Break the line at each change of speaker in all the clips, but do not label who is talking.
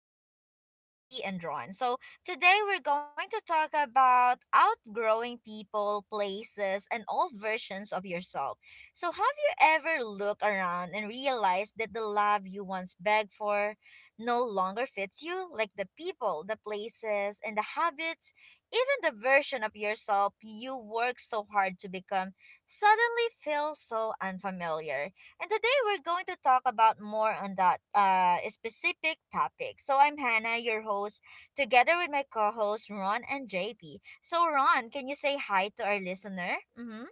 podcast with JP and Ron. So, today we're going to talk about outgrowing people, places, and old versions of yourself. So, have you ever looked around and realized that the love you once begged for no longer fits you? Like the people, the places, and the habits, even the version of yourself you worked so hard to become suddenly feels so unfamiliar, and today we're going to talk about more on that specific topic. So I'm Hannah, your host, together with my co-hosts Ron and JP. So Ron, can you say hi to our listener? Mm-hmm.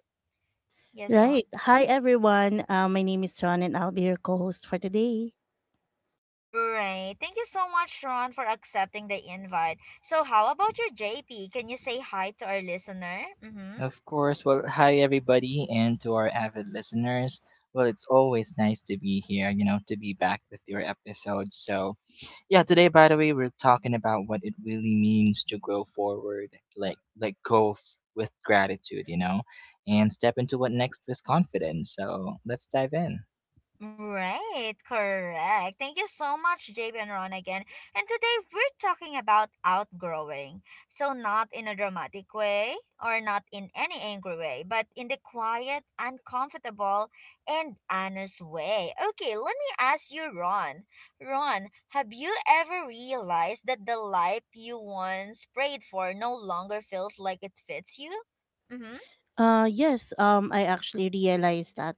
Yes, Ron.
Right. Hi, everyone. My name is Ron, and I'll be your co-host for today.
Right. Thank you so much, Ron, for accepting the invite. So how about you, JP? Can you say hi to our listener? Mm-hmm.
Of course. Well, hi everybody, and to our avid listeners. Well, it's always nice to be here, you know, to be back with your episode. So, yeah, today, by the way, we're talking about what it really means to grow forward, like with gratitude, you know, and step into what next with confidence. So, let's dive in.
Right, correct. Thank you so much, JB and Ron again. And today we're talking about outgrowing. So not in a dramatic way or not in any angry way, but in the quiet, uncomfortable, and honest way. Okay, let me ask you, Ron. Ron, have you ever realized that the life you once prayed for no longer feels like it fits you? Mm-hmm.
Yes. I actually realized that.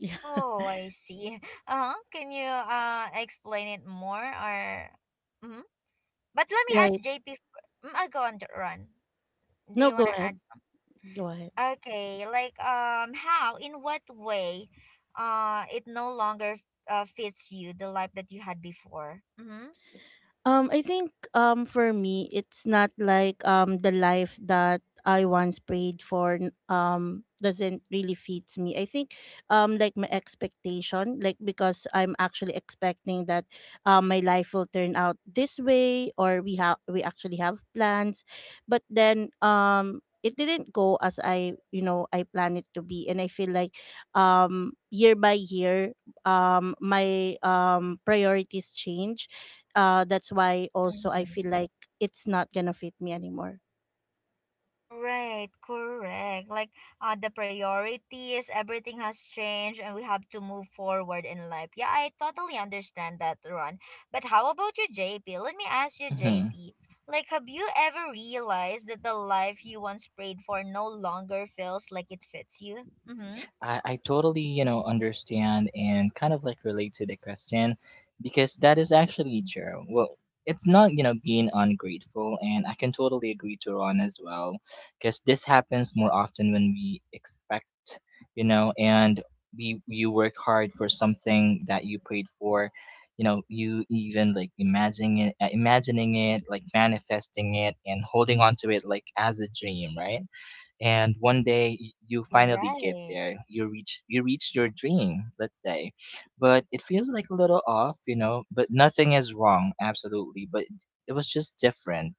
Oh, I see. Uh-huh. Can you explain it more or hmm? But let me ask
Right.
JP. I'll go on the run. Do
No,
you
go
want to add
ahead.
some?
Go ahead.
Okay, like how, in what way it no longer fits you, the life that you had before? Mhm.
I think for me it's not like the life that I once prayed for doesn't really fits me. I think like my expectation, like because I'm actually expecting that my life will turn out this way or we actually have plans, but then it didn't go as I you know I planned it to be, and I feel like year by year my priorities change that's why also I
Mhm.
feel like it's not gonna fit me anymore.
Right, correct. Like the priorities, everything has changed, and we have to move forward in life. Yeah, I totally understand that, Ron. But how about you, JP? Let me ask you,
hmm
JP. Like, have you ever realized that the life you once prayed for no longer feels like it fits you? Mm-hmm.
I totally, understand and kind of like relate to the question, because that is actually true. Well, it's not, being ungrateful, and I can totally agree to Ron as well, because this happens more often when we expect, and we you work hard for something that you prayed for, you know. You even like imagining it, like manifesting it, and holding on to it like as a dream, right? And one day, you finally get
Right.
there. You reach your dream, let's say, but it feels like a little off, but nothing is wrong absolutely. But it was just different.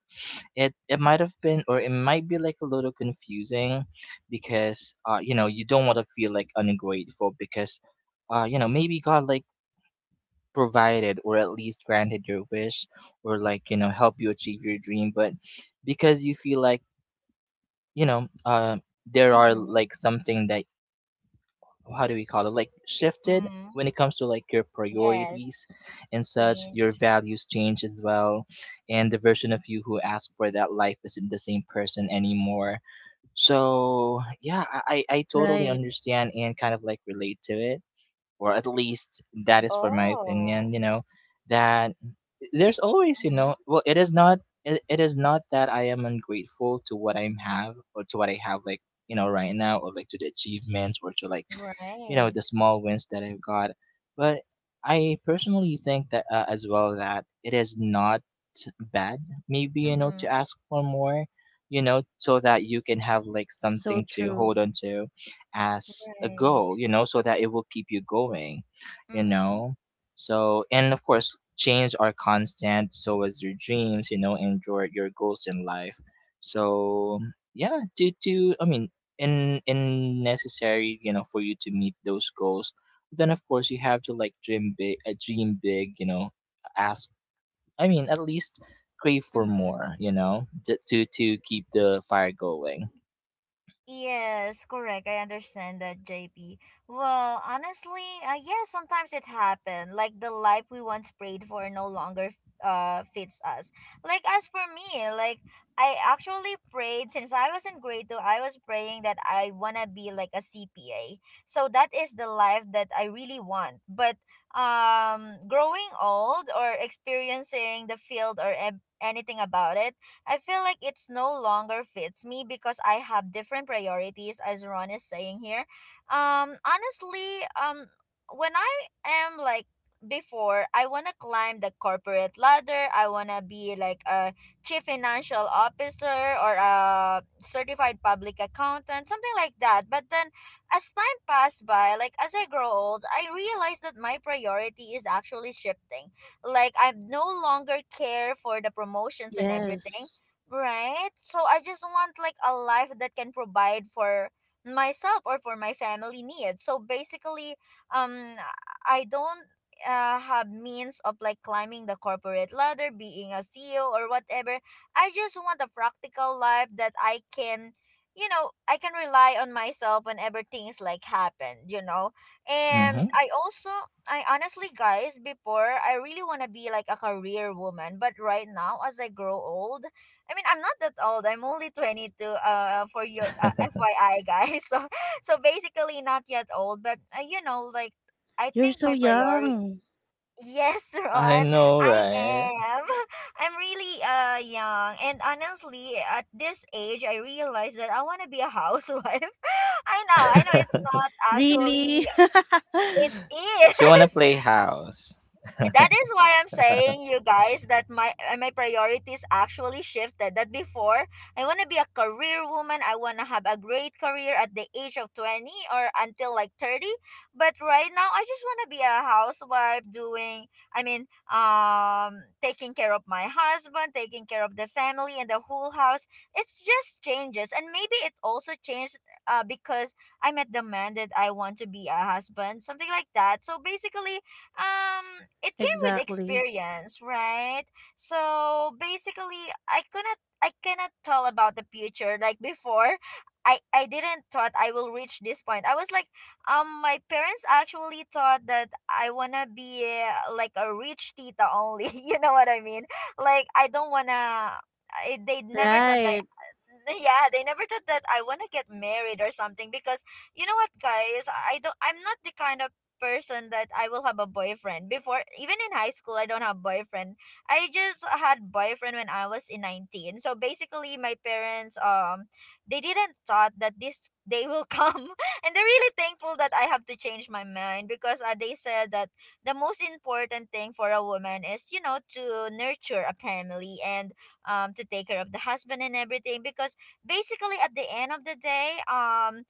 It might have been, or it might be like a little confusing, because you don't want to feel like ungrateful, because maybe God, like, provided, or at least granted your wish, or like, help you achieve your dream. But because you feel like, you know, uh, there are
Mm-hmm.
like something that, how do we call it? Like shifted
Mm-hmm.
when it comes to like your priorities
Yes.
and such. Your
Change.
values change as well, and the version of you who asked for that life isn't the same person anymore. So yeah, I totally
Right.
understand and kind of like relate to it, or at least that is for my opinion.
Oh.
That there's always,
Mm-hmm.
well, it is not that I am ungrateful to what I am have, or to what I have, like, right now, or like to the achievements, or to like,
Right.
the small wins that I've got. But I personally think that, as well, that it is not bad. Maybe, to
Mm-hmm.
ask for more, so that you can have like
So
something to
true.
hold on to as a
Right.
goal, so that it will keep you going, you
Mm-hmm.
know. So, and of course, change are constant. So is your dreams, and your goals in life. So yeah, to I mean, in necessary, for you to meet those goals, then of course you have to, like, dream big, ask, I mean, at least crave for
Mm-hmm.
more, to keep the fire going.
Yes, correct. I understand that, JP. Well, honestly, yeah, sometimes it happened. Like the life we once prayed for no longer fits us. Like as for me, like I actually prayed since I was in grade 2, I was praying that I want to be like a CPA. So that is the life that I really want. But growing old or experiencing the field or anything about it, I feel like it's no longer fits me because I have different priorities as Ron is saying here. Honestly, when I am like, before I want to climb the corporate ladder, I want to be like a chief financial officer or a certified public accountant, something like that. But then as time passed by, like as I grow old, I realize that my priority is actually shifting, like I no longer care for the promotions and everything.
Yes.
Right? So I just want like a life that can provide for myself or for my family needs. So basically, um I don't have means of like climbing the corporate ladder, being a CEO or whatever. I just want a practical life that I can, you know, I can rely on myself whenever things like happen, you know. And
hmm
I also, I honestly guys, before I really want to be like a career woman, but right now as I grow old, I mean, I'm not that old. I'm only 22 for your FYI guys. So so basically not yet old, but you know, like I think
You're
my
so
priority.
young.
Yes, Ron.
I know,
I
right?
am. I'm really young, and honestly at this age I realized that I want to be a housewife. I know. I know it's not actually,
Really?
it
She wanna
is.
play house.
That is why I'm saying you guys that my my priorities actually shifted. That before I want to be a career woman, I want to have a great career at the age of 20 or until like 30. But right now I just want to be a housewife, doing I mean taking care of my husband, taking care of the family and the whole house. It's just changes, and maybe it also changed because I met the man that I want to be a husband, something like that. So basically it came with
Exactly.
experience, right? So basically, I cannot tell about the future. Like before, I didn't thought I will reach this point. I was like, my parents actually thought that I wanna be like a rich tita only. You know what I mean? Like I don't wanna. They never thought that
Right.
Yeah, they never thought that I want to get married or something, because you know what guys, I'm not the kind of person that I will have a boyfriend. Before, even in high school, I don't have boyfriend. I just had boyfriend when I was in 19. So basically my parents, they didn't thought that this day will come. And they're really thankful that I have to change my mind, because they said that the most important thing for a woman is, you know, to nurture a family and to take care of the husband and everything, because basically at the end of the day,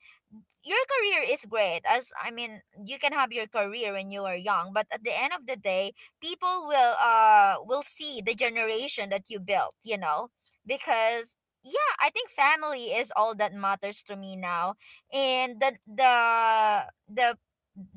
your career is great, as I mean you can have your career when you are young, but at the end of the day people will see the generation that you built, you know, because yeah, I think family is all that matters to me now. And the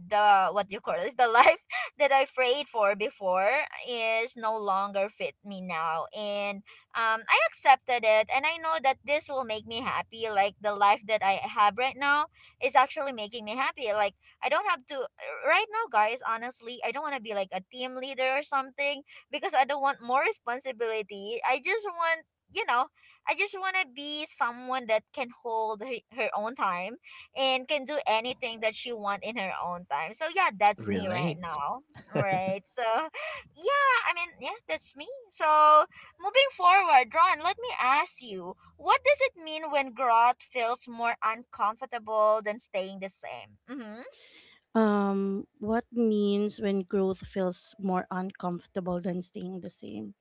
the what do you call this, the life that I prayed for before is no longer fit me now. And I accepted it, and I know that this will make me happy. Like the life that I have right now is actually making me happy. Like I don't have to right now, guys, honestly, I don't wanna be like a team leader or something, because I don't want more responsibility. I just want, you know, I just want to be someone that can hold her own time and can do anything that she want in her own time. So yeah, that's me right
Relate.
now. Right. So yeah, I mean, yeah, that's me. So moving forward, Ron, let me ask you, what does it mean when growth feels more uncomfortable than staying the same? Mm-hmm.
What means when growth feels more uncomfortable than staying the same?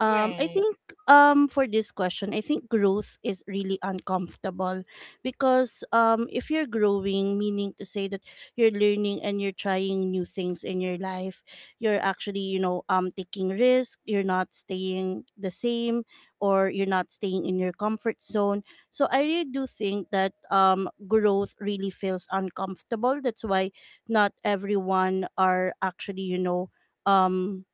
I
Right.
think for this question, I think growth is really uncomfortable because if you're growing, meaning to say that you're learning and you're trying new things in your life, you're actually, you know, taking risk, you're not staying the same or you're not staying in your comfort zone. So I really do think that growth really feels uncomfortable. That's why not everyone are actually, you know, um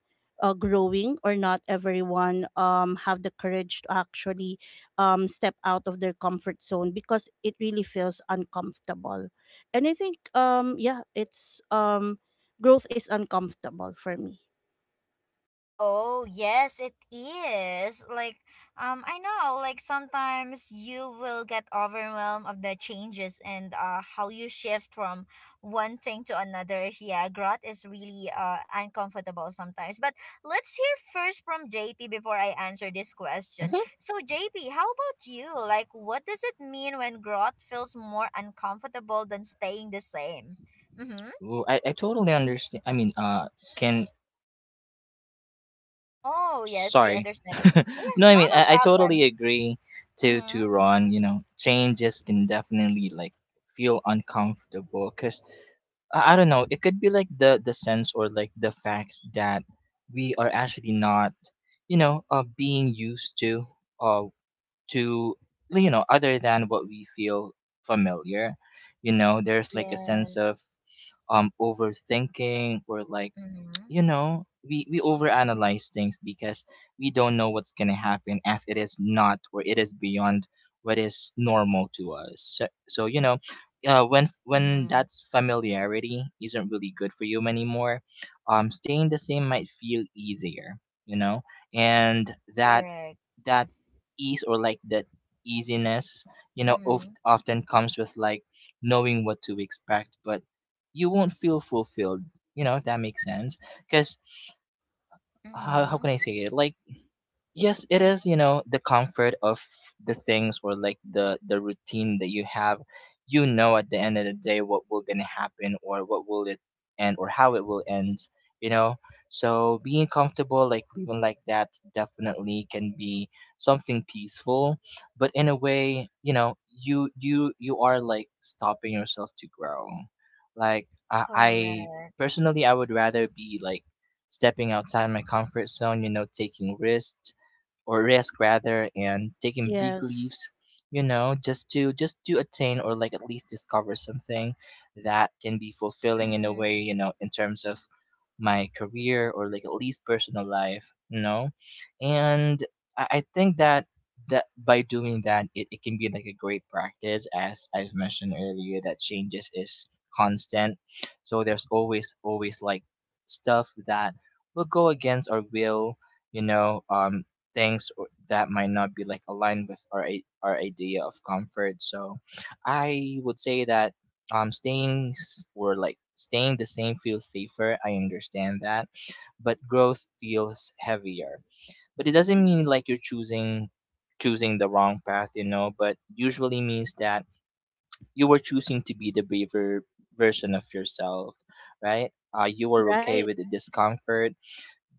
growing or not everyone have the courage to actually step out of their comfort zone because it really feels uncomfortable and I think yeah, it's growth is uncomfortable for me.
Oh, yes, it is. Like, I know, like, sometimes you will get overwhelmed of the changes and how you shift from one thing to another. Yeah, growth is really uncomfortable sometimes. But let's hear first from JP before I answer this question.
hmm
So, JP, how about you? Like, what does it mean when growth feels more uncomfortable than staying the same? Mm-hmm.
Ooh, I totally understand, I mean, can
Oh, yes, you
sorry.
understand.
No,
Yeah,
I
no,
mean,
no
I totally
problem.
agree to
Mm-hmm.
to Ron. You know, changes can definitely like feel uncomfortable, because I don't know. It could be like the sense, or like the fact that we are actually not, being used to, uh to other than what we feel familiar. You know, there's like a sense
Yes.
of overthinking, or like,
Mm-hmm.
we overanalyze things, because we don't know what's going to happen, as it is not, or it is beyond what is normal to us. So, when
Mm-hmm.
that's familiarity isn't really good for you anymore, staying the same might feel easier, you know and that
Correct.
that ease, or like that easiness,
Mm-hmm.
often comes with like knowing what to expect, but you won't feel fulfilled, if that makes sense. Because how can
Mm-hmm.
I say it, like, yes, it
Mm-hmm.
is, you know, the comfort of the things, or like the routine that you have. You know at the end of the day what will gonna happen, or what will it end, or how it will end, you know. So being comfortable like living like that definitely can be something peaceful, but in a way, you are like stopping yourself to grow. Like, I
Correct.
personally I would rather be like stepping outside my comfort zone, you know, taking risks, or risk rather, and taking big
Yes.
leaps, just to attain, or like at least discover something that can be fulfilling in a
Mm-hmm.
way, in terms of my career, or like at least personal life, and I think that by doing that, it can be like a great practice, as I've mentioned earlier, that changes is constant. So there's always like stuff that will go against our will, you know um things that might not be like aligned with our our idea of comfort. So I would say that, staying s- or like staying the same feels safer. I understand that, but growth feels heavier. But it doesn't mean like you're choosing the wrong path, but usually means that you were choosing to be the braver version of yourself, right? You were okay
Right.
with the discomfort,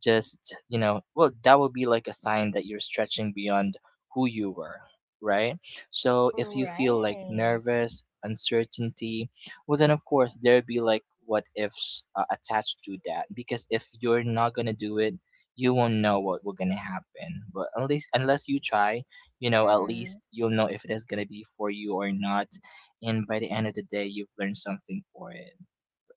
just well, that would be like a sign that you're stretching beyond who you were, right? So if you feel like
Right.
nervous uncertainty, well then of course there'd be like what ifs, attached to that, because if you're not gonna do it, you won't know what will gonna happen. But at least, unless you try, at
Mm-hmm.
least you'll know if it is gonna be for you or not. And by the end of the day, you've learned something for it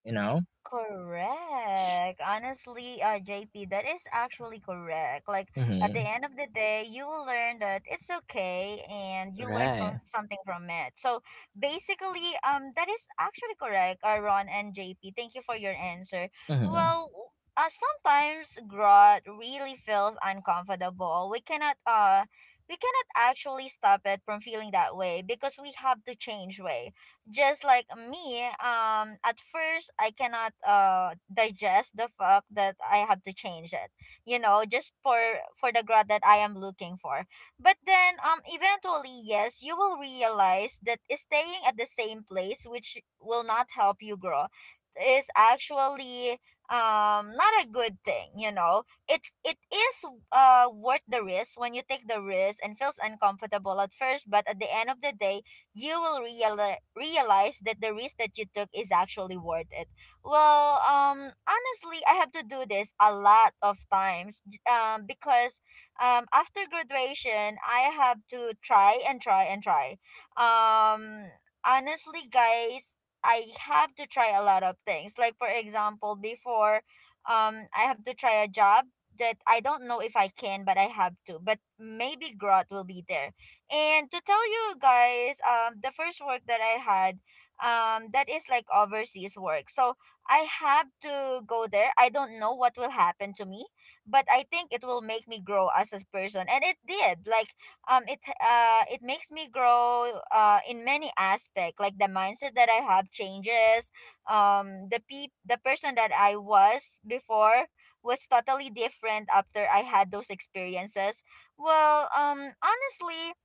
you know
Correct. Honestly, JP, that is actually correct. Like at the
Mm-hmm.
end of the day, you will learn that it's okay, and you learn from
Right.
something from it. So basically, that is actually correct, Ron and JP. Thank you for your answer.
Mm-hmm.
Well, sometimes growth really feels uncomfortable. We cannot actually stop it from feeling that way, because we have to change way, just like me. At first I cannot digest the fact that I have to change it. You know, just for the grad that I am looking for. But then eventually, yes, you will realize that staying at the same place which will not help you grow is actually not a good thing, you know. It's it is worth the risk when you take the risk and feels uncomfortable at first, but at the end of the day you will realize that the risk that you took is actually worth it. Well, honestly, I have to do this a lot of times, because after graduation, I have to try and try and try. Um, honestly, guys, I have to try a lot of things. Like, for example, before I have to try a job that I don't know if I can, but I have to. But maybe growth will be there, and to tell you guys, the first work that I had, that is like overseas work. So I have to go there. I don't know what will happen to me, but I think it will make me grow as a person, and it did. Like, it it makes me grow in many aspect. Like the mindset that I have changes. The pe the person that I was before was totally different after I had those experiences. Well, honestly,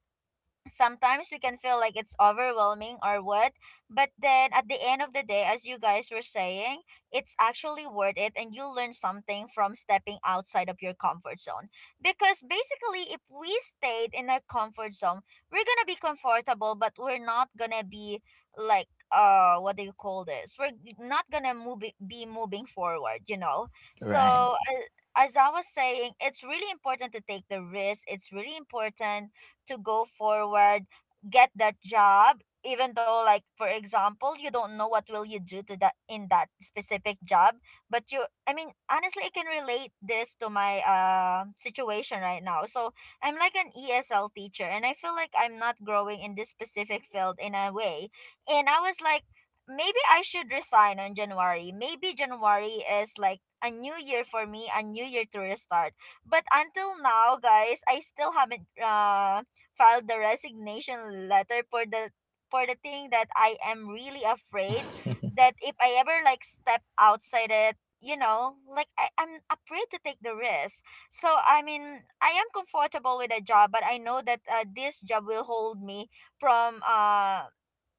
sometimes we can feel like it's overwhelming or what, but then at the end of the day, as you guys were saying, it's actually worth it and you learn something from stepping outside of your comfort zone, because basically if we stayed in our comfort zone we're gonna be comfortable but we're not gonna be like, what do you call this, we're not gonna move, be moving forward.
Right.
so uh, as I was saying, it's really important to take the risk, it's really important to go forward, get that job, even though like for example, you don't know what will you do to that in that specific job, but honestly, I can relate this to my situation right now. So, I'm like an ESL teacher and I feel like I'm not growing in this specific field in a way. And I was like, maybe I should resign on January. Maybe January is like a new year for me, a new year to restart. But until now, guys, I still haven't filed the resignation letter for the thing that I am really afraid that if I ever like step outside it, you know, like I'm afraid to take the risk. So I mean, I am comfortable with a job, but I know that this job will hold me from uh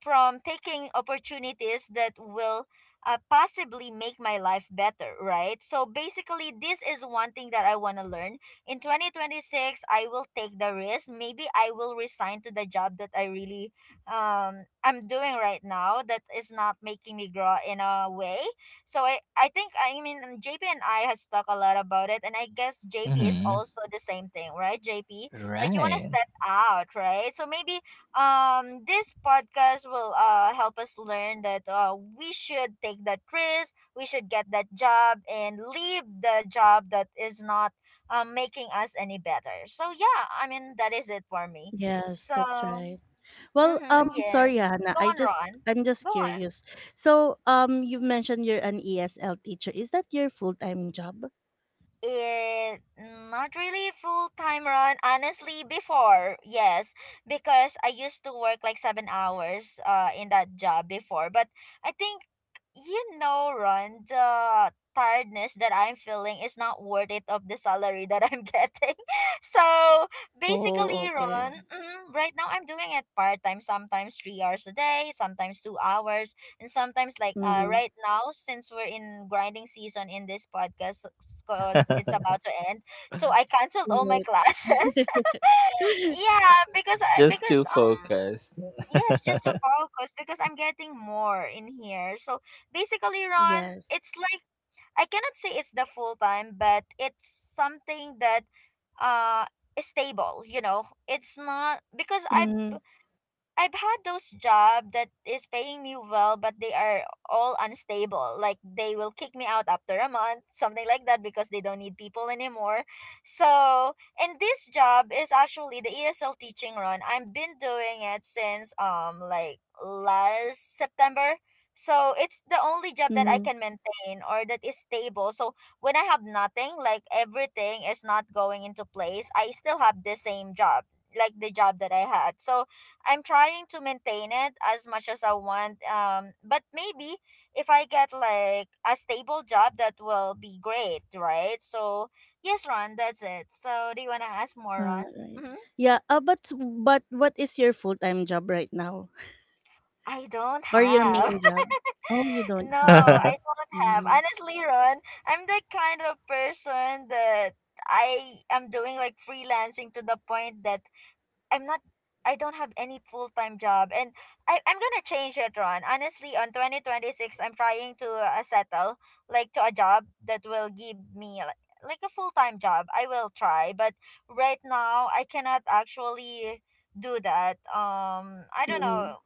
from taking opportunities that will possibly make my life better, right? So basically, this is one thing that I want to learn in 2026. I will take the risk, maybe I will resign to the job that I really I'm doing right now that is not making me grow in a way. So I think, JP and I has talked a lot about it, and I guess JP is
Mm-hmm.
also the same thing, right, JP? Like you want to
Right.
step out, right? So maybe this podcast will help us learn that we should take that risk, we should get that job and leave the job that is not making us any better. So yeah, I mean that is it for me.
Yes, that's
So
right. Well,
mm-hmm, yes,
sorry Hannah,
go
I
on,
just,
Ron.
I'm just
Go on.
curious. So you've mentioned you're an ESL teacher. Is that your full-time job?
It not really full time, run honestly. Before, yes, because I used to work like 7 hours in that job before, but I think, you know, Ron, the tiredness that I'm feeling is not worth it of the salary that I'm getting. So
Oh,
basically,
okay.
Ron, right now I'm doing it part-time, sometimes 3 hours a day, sometimes 2 hours. And sometimes like
Mm-hmm.
right now, since we're in grinding season in this podcast, because it's about to end, so I canceled all my classes. Yeah, because
Just
because
to focus.
yes, just to focus, because I'm getting more in here. So basically, Ron,
Yes.
it's like, I cannot say it's the full time, but it's something that uh is stable, you know. It's not because
Mhm,
I've had those job that is paying me well, but they are all unstable. Like they will kick me out after a month, something like that, because they don't need people anymore. So, and this job is actually the ESL teaching, run. I've been doing it since like last September. So it's the only job that I
mhm.
can maintain or that is stable. So when I have nothing, like everything is not going into place, I still have the same job, like the job that I had. So I'm trying to maintain it as much as I want. But maybe if I get like a stable job, that will be great, right? So yes, Ron, that's it. So do you wanna ask more,
Ah,
Ron?
right.
Hmm.
Yeah, but what is your full-time job right now
I don't
or your
have.
main job? Oh, you don't
No,
have.
I don't have.
Mm,
Honestly, Ron, I'm the kind of person that I am doing like freelancing to the point that I'm not, I don't have any full time job. And I'm gonna change it, Ron. Honestly, on 2026, I'm trying to settle like to a job that will give me like a full time job. I will try, but right now I cannot actually do that. I don't
mm,
know.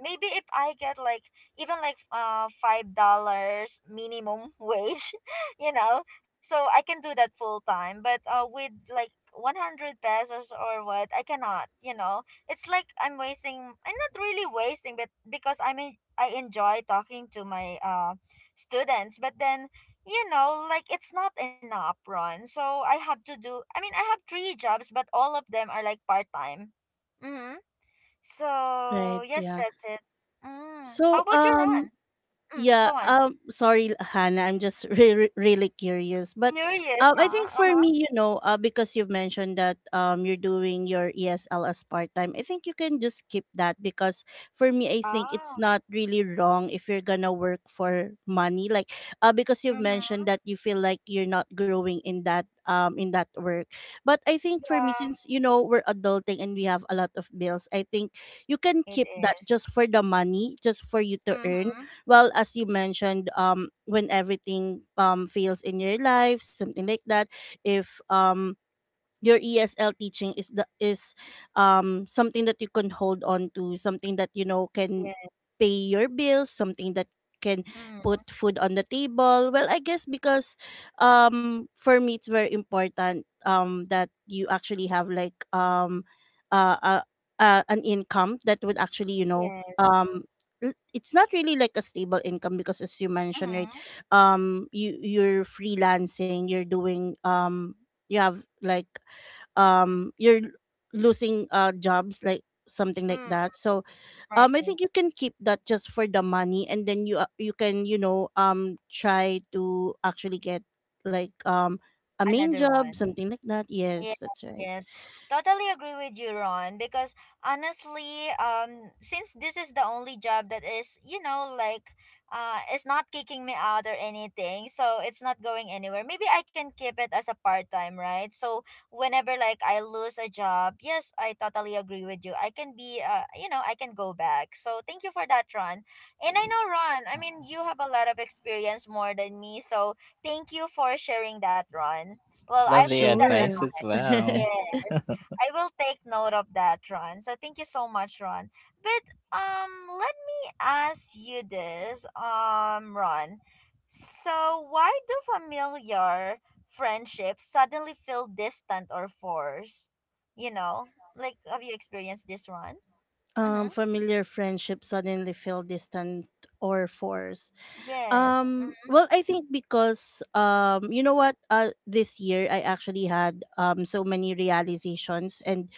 Maybe if I get like even like $5 minimum wage, you know, so I can do that full time. But with like 100 pesos or what, I cannot, you know. It's like I'm wasting, I'm not really wasting, but because I mean, I enjoy talking to my students, but then you know, like it's not enough, Ron. So I have to do, I mean, I have three jobs, but all of them are like part-time. Mm-hmm. So
right,
yes,
yeah.
that's it. Mm. How
So,
about you, Ron? Mm,
yeah,
go on.
sorry Hannah, I'm just really curious. But
Curious,
I
huh.
think for
Uh-huh.
me, you know, because you've mentioned that you're doing your ESL as part-time, I think you can just keep that, because for me I think
Ah.
it's not really wrong if you're going to work for money like because you've mentioned that
Mm-hmm.
you feel like you're not growing in that work. But I think for me,
Yeah.
since you know we're adulting and we have a lot of bills, I think you can
It
keep that
is.
just for the money, just for you to earn,
Mm-hmm.
well as you mentioned when everything fails in your life, something like that. If your ESL teaching is the is something that you can hold on to, something that you know can
Yeah.
pay your bills, something that can
Mm,
put food on the table. Well, I guess because for me it's very important that you actually have like uh, uh, uh, an income that would actually, you know,
yes.
it's not really like a stable income because as you mentioned, right,
Mm-hmm.
you, you're freelancing, you're doing you have like you're losing jobs like something like
Mm,
that. So
right.
I think you can keep that just for the money, and then you you can, you know, try to actually get like a main
Another
job,
one.
something like that. Yes,
Yes,
that's right.
yes. Totally agree with you, Ron, because honestly, since this is the only job that is, you know, like, it's not kicking me out or anything, so it's not going anywhere. Maybe I can keep it as a part-time, right? So whenever like I lose a job, yes, I totally agree with you. I can be, you know, I can go back. So thank you for that, Ron. And I know, Ron, I mean, you have a lot of experience more than me, so thank you for sharing that, Ron. Well, I'll
Lovely
keep that.
advice
Sure.
as well.
Yes, I will take note of that, Ron. So thank you so much, Ron. But let me ask you this, Ron. So why do familiar friendships suddenly feel distant or forced? You know, like have you experienced this, Ron? Mm-hmm.
Familiar friendship suddenly feel distant or forced?
Yes.
Well, I think because you know what? This year I actually had so many realizations and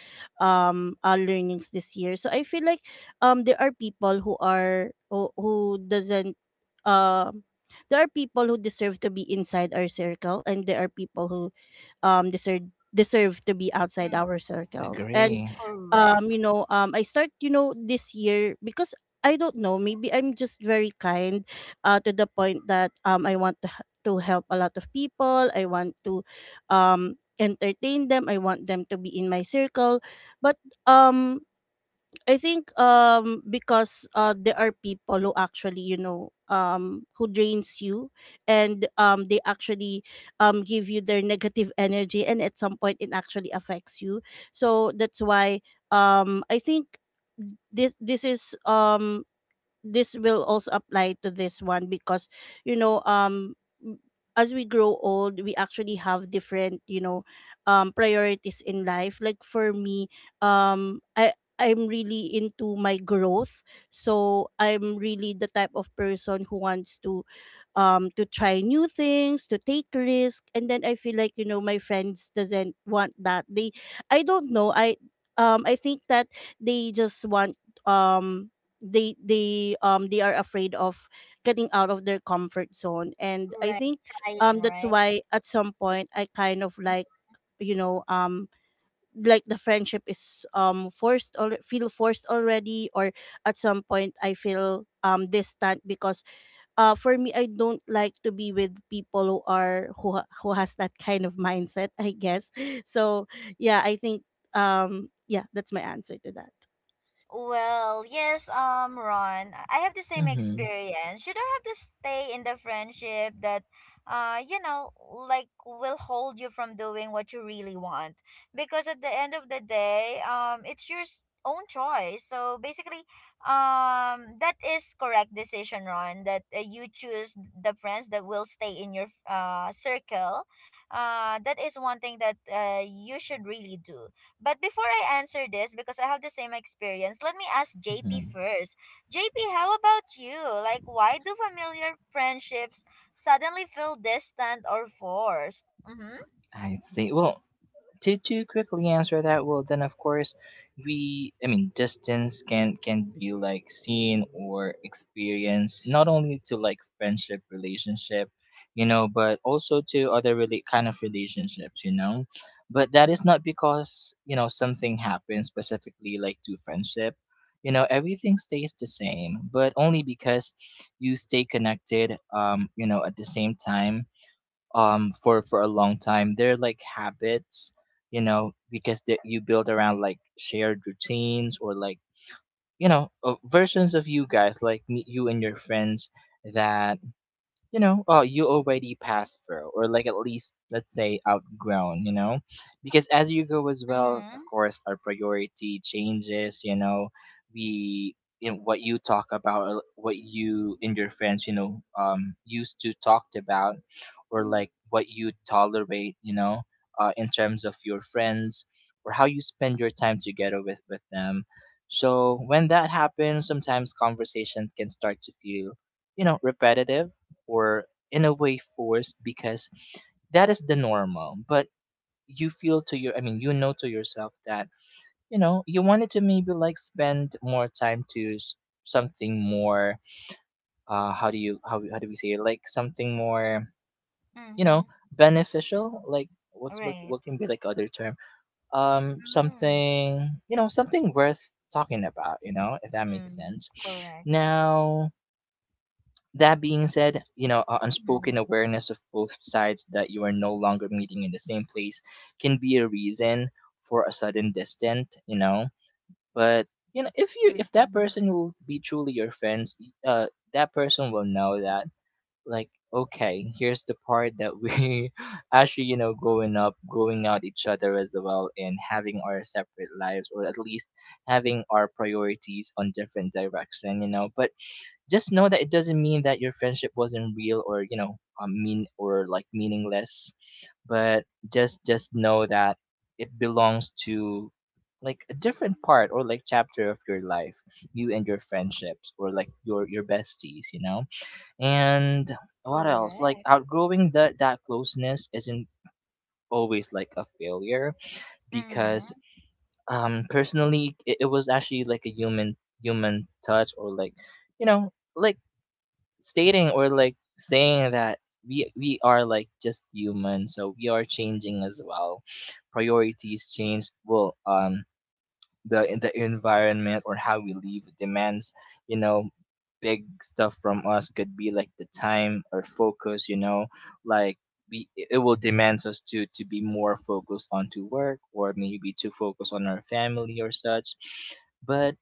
learnings this year. So I feel like there are people who doesn't um there are people who deserve to be inside our circle and there are people who um deserve deserve to be outside our
Mm-hmm.
circle. And
Agree.
you
Correct.
know, I start, you know, this year because I don't know, maybe I'm just very kind to the point that I want to, to help a lot of people. I want to entertain them. I want them to be in my circle. But um, I think because there are people who actually, you know, who drains you, and they actually give you their negative energy, and at some point it actually affects you. So that's why I think this this is um this will also apply to this one because you know, m- as we grow old we actually have different, you know, priorities in life. Like for me, I'm really into my growth. So I'm really the type of person who wants to try new things, to take risk. And then I feel like, you know, my friends doesn't want that. They, I don't know. I I think that they just want um they are afraid of getting out of their comfort zone, and I
Correct.
think
Trying,
that's
right?
why at some point I kind of like, you know, like the friendship is forced or feel forced already, or at some point I feel distant because for me I don't like to be with people who are who ha- who has that kind of mindset, I guess. So yeah, I think yeah, that's my answer to that.
Well, yes, Ron, I have the same
Mm-hmm.
experience. You don't have to stay in the friendship that, you know, like will hold you from doing what you really want. Because at the end of the day, it's your own choice. So basically, that is correct decision, Ron. That you choose the friends that will stay in your circle. That is one thing that you should really do, but before I answer this, because I have the same experience, let me ask JP
Mm-hmm.
first. JP, how about you? Like, why do familiar friendships suddenly feel distant or forced? Mm-hmm.
I see. Well, to quickly answer that, well, then of course, I mean, distance can be like seen or experienced, not only to like friendship relationship, but also to other really kind of relationships, you know. But that is not because something happened specifically like to friendship. Everything stays the same, but only because you stay connected. At the same time, for a long time, they're like habits, because that you build around like shared routines, or like, versions of you guys, like me, you and your friends, that you already passed through, or like at least let's say outgrown, because as you go as well, of
Mm-hmm.
course, our priority changes. We what you talk about, or what you and your friends, used to talked about, or like what you tolerate, in terms of your friends, or how you spend your time together with them. So when that happens, sometimes conversations can start to feel, repetitive, or in a way forced, because that is the normal, but you feel to yourself that you wanted to maybe like spend more time to, something more, how do we say it, like something more, you
Mm-hmm.
know beneficial, like what's what,
Right.
what can be like other term,
Mm-hmm.
something, something worth talking about, if that makes
Mm-hmm.
sense.
Correct.
Now, that being said, unspoken
Mm-hmm.
awareness of both sides, that you are no longer meeting in the same place, can be a reason for a sudden distant, you know. But if that
Mm-hmm.
person will be truly your friends, that person will know that, like, okay, here's the part that we actually, growing up, growing out each other as well, and having our separate lives, or at least having our priorities on different direction, But just know that it doesn't mean that your friendship wasn't real, or mean, or like meaningless. But just know that it belongs to like a different part, or like chapter of your life, you and your friendships, or like your besties, and what else, like
Correct.
outgrowing that closeness isn't always like a failure,
Mm-hmm.
because personally, it was actually like a human touch, or like, like stating, or like saying that we are like just human, so we are changing as well. Priorities change. Well, the in the environment, or how we live demands, you know, big stuff from us. Could be like the time or focus. You know, like we it will demands us to be more focused onto work, or maybe to focus on our family or such. But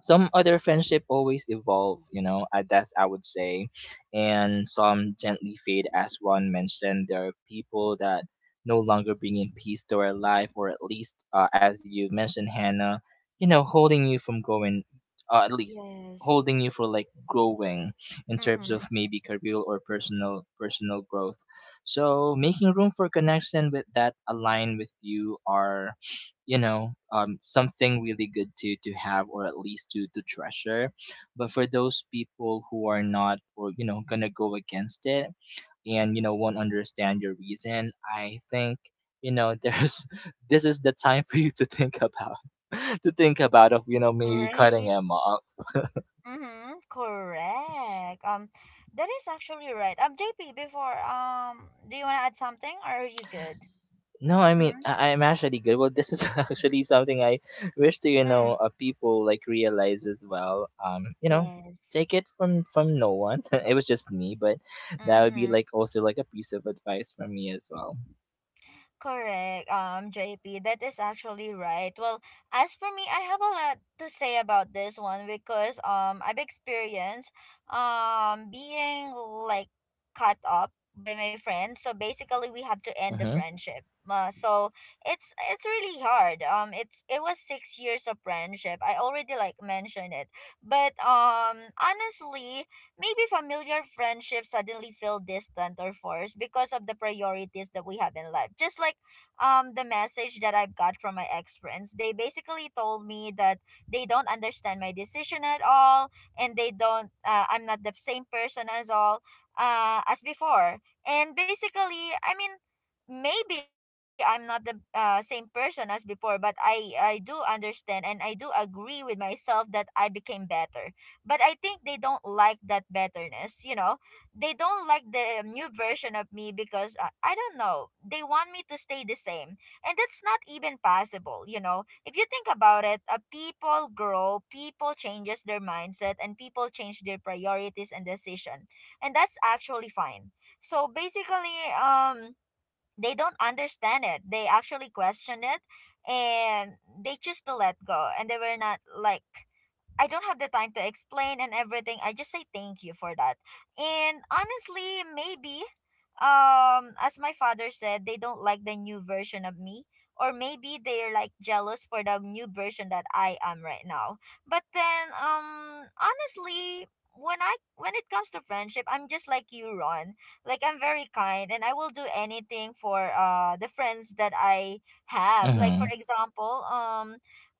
some other friendship always evolve, that's I would say, and some gently fade. As one mentioned, there are people that no longer bring in peace to our life, or at least, as you mentioned, Hannah, you know, holding you from going, at least
Yes.
holding you for like growing in terms
Mm-hmm.
of maybe career or personal growth. So making room for connection with that align with you are, you know, something really good to have or at least to treasure. But for those people who are not, or you know, gonna go against it and you know won't understand your reason, I think, you know, there's this is the time for you to think about to think about of, you know, maybe cutting
Right.
them off.
Mm-hmm, correct. That is actually right. JP, before, do you want to add something or are you good?
No, I mean
Mm-hmm.
I'm actually good. Well, this is actually something I wish to,
Mm,
people like realize as well. You know,
yes.
take it from no one. It was just me, but that would be
Mm-hmm.
like also like a piece of advice from me as well.
Correct, JP. That is actually right. Well, as for me, I have a lot to say about this one because I've experienced being like cut up by my friends. So basically, we have to end the
Mm-hmm.
friendship. So it's really hard. It's it was 6 years of friendship. I already like mentioned it, but honestly, maybe familiar friendships suddenly feel distant or forced because of the priorities that we have in life. Just like the message that I've got from my ex friends, they basically told me that they don't understand my decision at all, and they don't. I'm not the same person as all as before. And basically, I mean, maybe I'm not the same person as before, but I do understand and I do agree with myself that I became better, but I think they don't like that betterness, you know. They don't like the new version of me, because I don't know. They want me to stay the same. And that's not even possible, you know. If you think about it, people grow, people changes their mindset and people change their priorities and decision. And that's actually fine. So basically they don't understand it. They actually question it, and they choose to let go, and they were not like, I don't have the time to explain and everything. I just say thank you for that. And honestly, maybe as my father said, they don't like the new version of me, or maybe they're like jealous for the new version that I am right now. But then honestly, when I when it comes to friendship, I'm just like you, Ron. Like I'm very kind and I will do anything for the friends that I have. Like
Mm-hmm.
for example,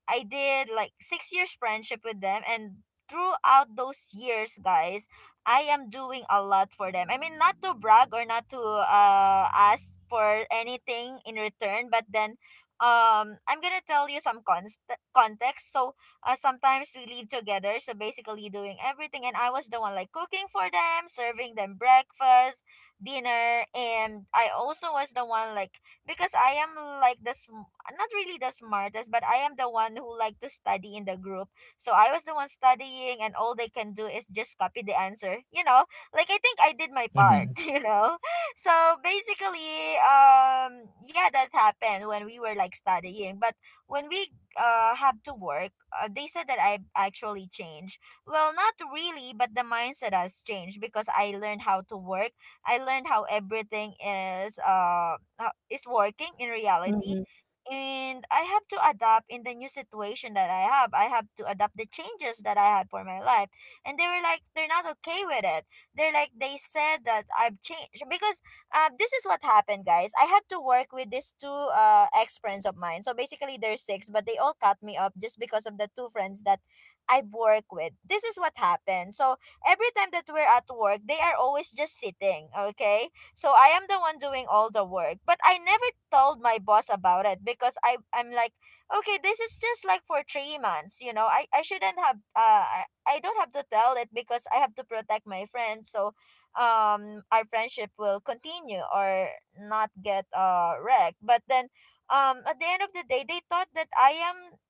I did like 6 years friendship with them, and throughout those years, guys, I am doing a lot for them. I mean, not to brag or not to ask for anything in return, but then I'm gonna tell you some context. So sometimes we live together, so basically doing everything, and I was the one like cooking for them, serving them breakfast, dinner, and I also was the one like, because I am like this, not really the smartest, but I am the one who like to study in the group. So I was the one studying, and all they can do is just copy the answer. You know, like I think I did my part.
Mm-hmm.
So basically, yeah, that happened when we were like studying. But when we have to work, they said that I actually changed. Well, not really, but the mindset has changed because I learned how to work. I learned how everything is working in reality,
Mhm.
and I have to adapt in the new situation that I have. I have to adapt the changes that I had for my life. And they were like, they're not okay with it. They're like, they said that I've changed because this is what happened, guys. I had to work with these two ex friends of mine. So basically, there's six, but they all cut me up just because of the two friends that I work with. This is what happened. So every time that we're at work, they are always just sitting, okay? So I am the one doing all the work. But I never told my boss about it because I'm like, okay, this is just like for 3 months, you know. I shouldn't have I don't have to tell it because I have to protect my friends. So our friendship will continue or not get wrecked. But then at the end of the day they thought that I am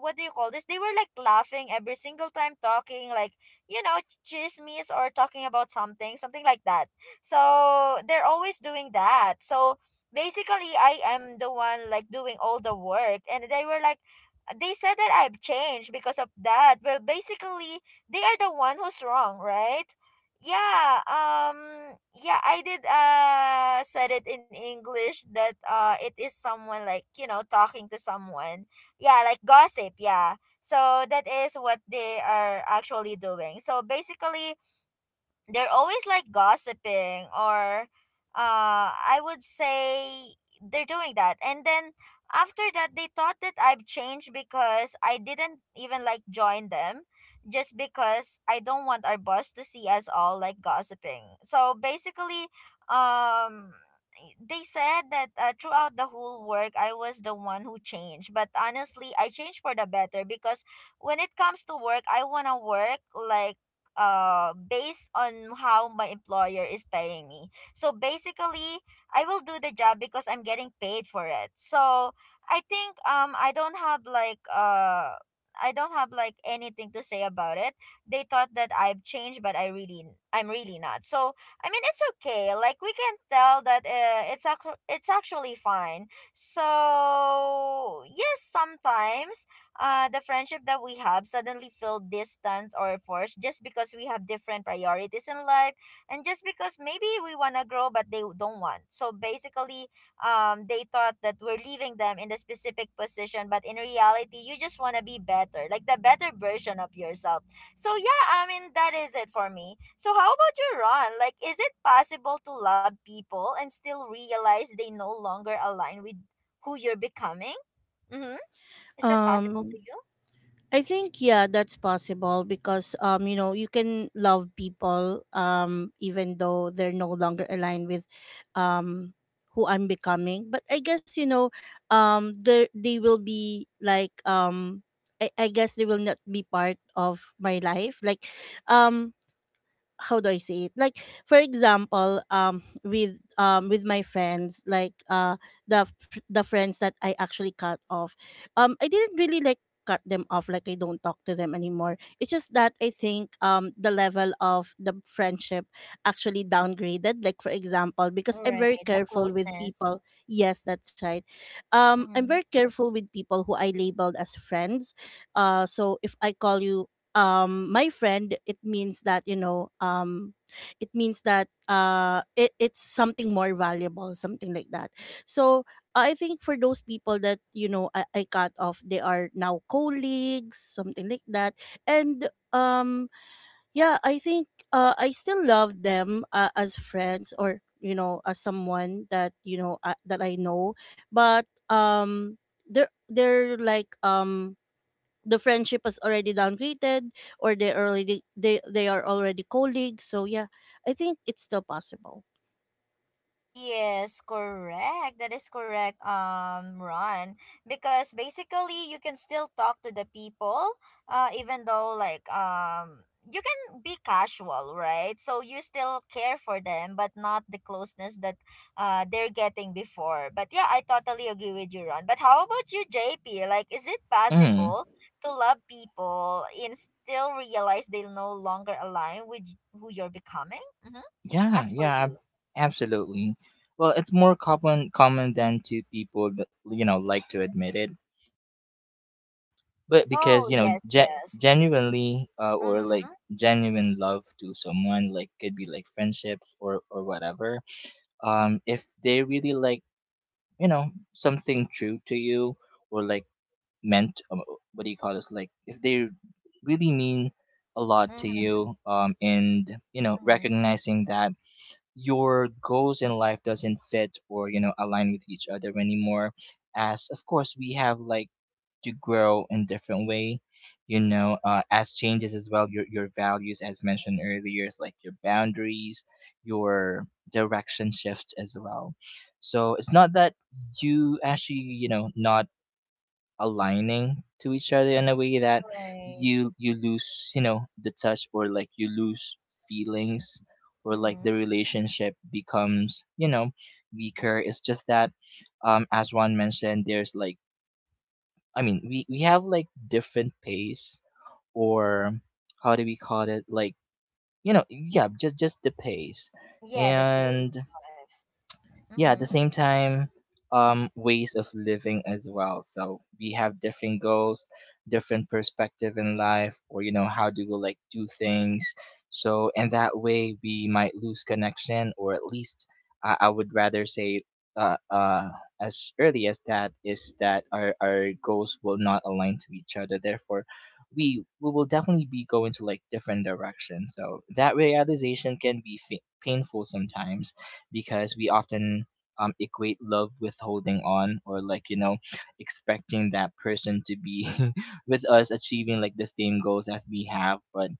what do you call this? They were like laughing every single time talking like, you know, chismes or talking about something, something like that. So they're always doing that. So basically, I am the one like doing all the work. And they were like, they said that I've changed because of that. Well, basically, they are the one who's wrong, right? Yeah, yeah, I did said it in English that it is someone like, you know, talking to someone. Yeah, like gossip, yeah. So that is what they are actually doing. So basically they're always like gossiping, or I would say they're doing that. And then after that they thought that I've changed because I didn't even like join them just because I don't want our boss to see us all like gossiping. So basically um they said that throughout the whole work I was the one who changed, but honestly I changed for the better because when it comes to work I want to work like based on how my employer is paying me. So basically, I will do the job because I'm getting paid for it. So I think I don't have like I don't have like anything to say about it. They thought that I've changed, but I really I'm really not. So I mean it's okay. Like we can tell that it's actually fine. So yes, sometimes the friendship that we have suddenly feel distant or forced just because we have different priorities in life, and just because maybe we want to grow but they don't want. So basically they thought that we're leaving them in a specific position, but in reality you just want to be better, like the better version of yourself. So yeah, I mean that is it for me. So how about you, Ron? Like, is it possible to love people and still realize they no longer align with who you're becoming? Mm-hmm. Is that possible to
um
you?
I think yeah, that's possible because you know you can love people even though they're no longer aligned with um who I'm becoming. But I guess, you know, they will be like I guess they will not be part of my life. Like um how do I say it? Like, for example, with my friends, like, the the friends that I actually cut off, I didn't really like cut them off. Like, I don't talk to them anymore. It's just that I think the level of the friendship actually downgraded. Like for example, because
All
I'm
right,
very
the
careful with
closeness.
people. Yes, that's right. I'm
Mm-hmm.
very careful with people who I labeled as friends. So if I call you my friend, it means that you know, it means that it's something more valuable, something like that. So I think for those people that, you know, I cut off, they are now colleagues, something like that. And yeah, I think I still love them, as friends, or you know, as someone that you know, that I know. But they're they're like um the friendship is already downgraded, or they are already colleagues. So yeah, I think it's still possible.
Yes, correct. That is correct, Ron. Because basically, you can still talk to the people, even though like you can be casual, right? So you still care for them, but not the closeness that they're getting before. But yeah, I totally agree with you, Ron. But how about you, JP? Like, is it
Mm.
possible to love people and still realize they no longer align with who you're becoming? Mm-hmm.
Yeah,
As for
yeah, ab-
you.
absolutely. Well, it's more common than to people that you know like to admit it, but because
Oh,
you know
yes, yes.
genuinely, or like
Mm-hmm.
genuine love to someone, like could be like friendships or whatever. If they really like, you know, something true to you, or like meant, what do you call this, like if they really mean a lot to
Mm-hmm.
you, um, and you know,
Mm-hmm.
recognizing that your goals in life doesn't fit or you know align with each other anymore, as of course we have like to grow in different way, as changes as well, your values, as mentioned earlier, is like your boundaries, your direction shift as well. So it's not that you actually, you know, not aligning to each other in a way that
Right.
you lose, you know, the touch, or like you lose feelings, or like the
Mm-hmm.
relationship becomes, you know, weaker. It's just that, um, as one mentioned, there's like, I mean, we have like different pace, or how do we call it, like, you know, yeah, just the pace.
Yeah, the pace.
And yeah, at the
Mm-hmm.
same time, um, ways of living as well, so we have different goals, different perspective in life, or you know, how do we like do things. So and that way we might lose connection, or at least, I would rather say, uh, uh as early as that is, that our goals will not align to each other, therefore we will definitely be going to like different directions. So that realization can be painful sometimes, because we often, equate love with holding on, or like, you know, expecting that person to be with us achieving like the same goals as we have. But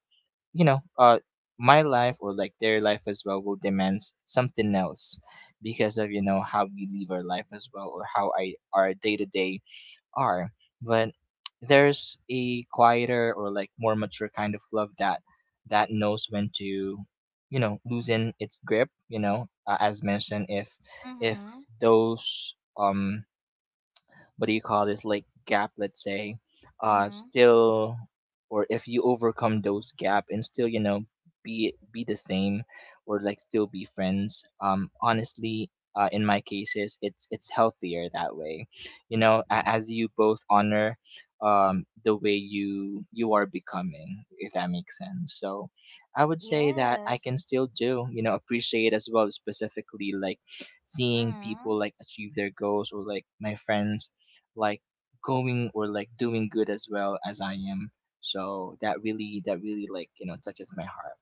you know, my life, or like their life as well, will demands something else because of, you know, how we live our life as well, or how I our day to day are. But there's a quieter, or like more mature kind of love, that knows when to, you know, loosen its grip. You know, as mentioned, if if
Mm-hmm.
those, um, what do you call this, like, gap, let's say, uh,
Mm-hmm.
still, or if you overcome those gap and still, you know, be the same, or like still be friends, um, honestly, in my cases, it's healthier that way, you know, as you both honor, um, the way you are becoming, if that makes sense. So I would say that I can
Yes.
still do, you know, appreciate as well, specifically like seeing
Mm-hmm.
people like achieve their goals, or like my friends like going, or like doing good as well as I am. So that really like, you know, touches my heart.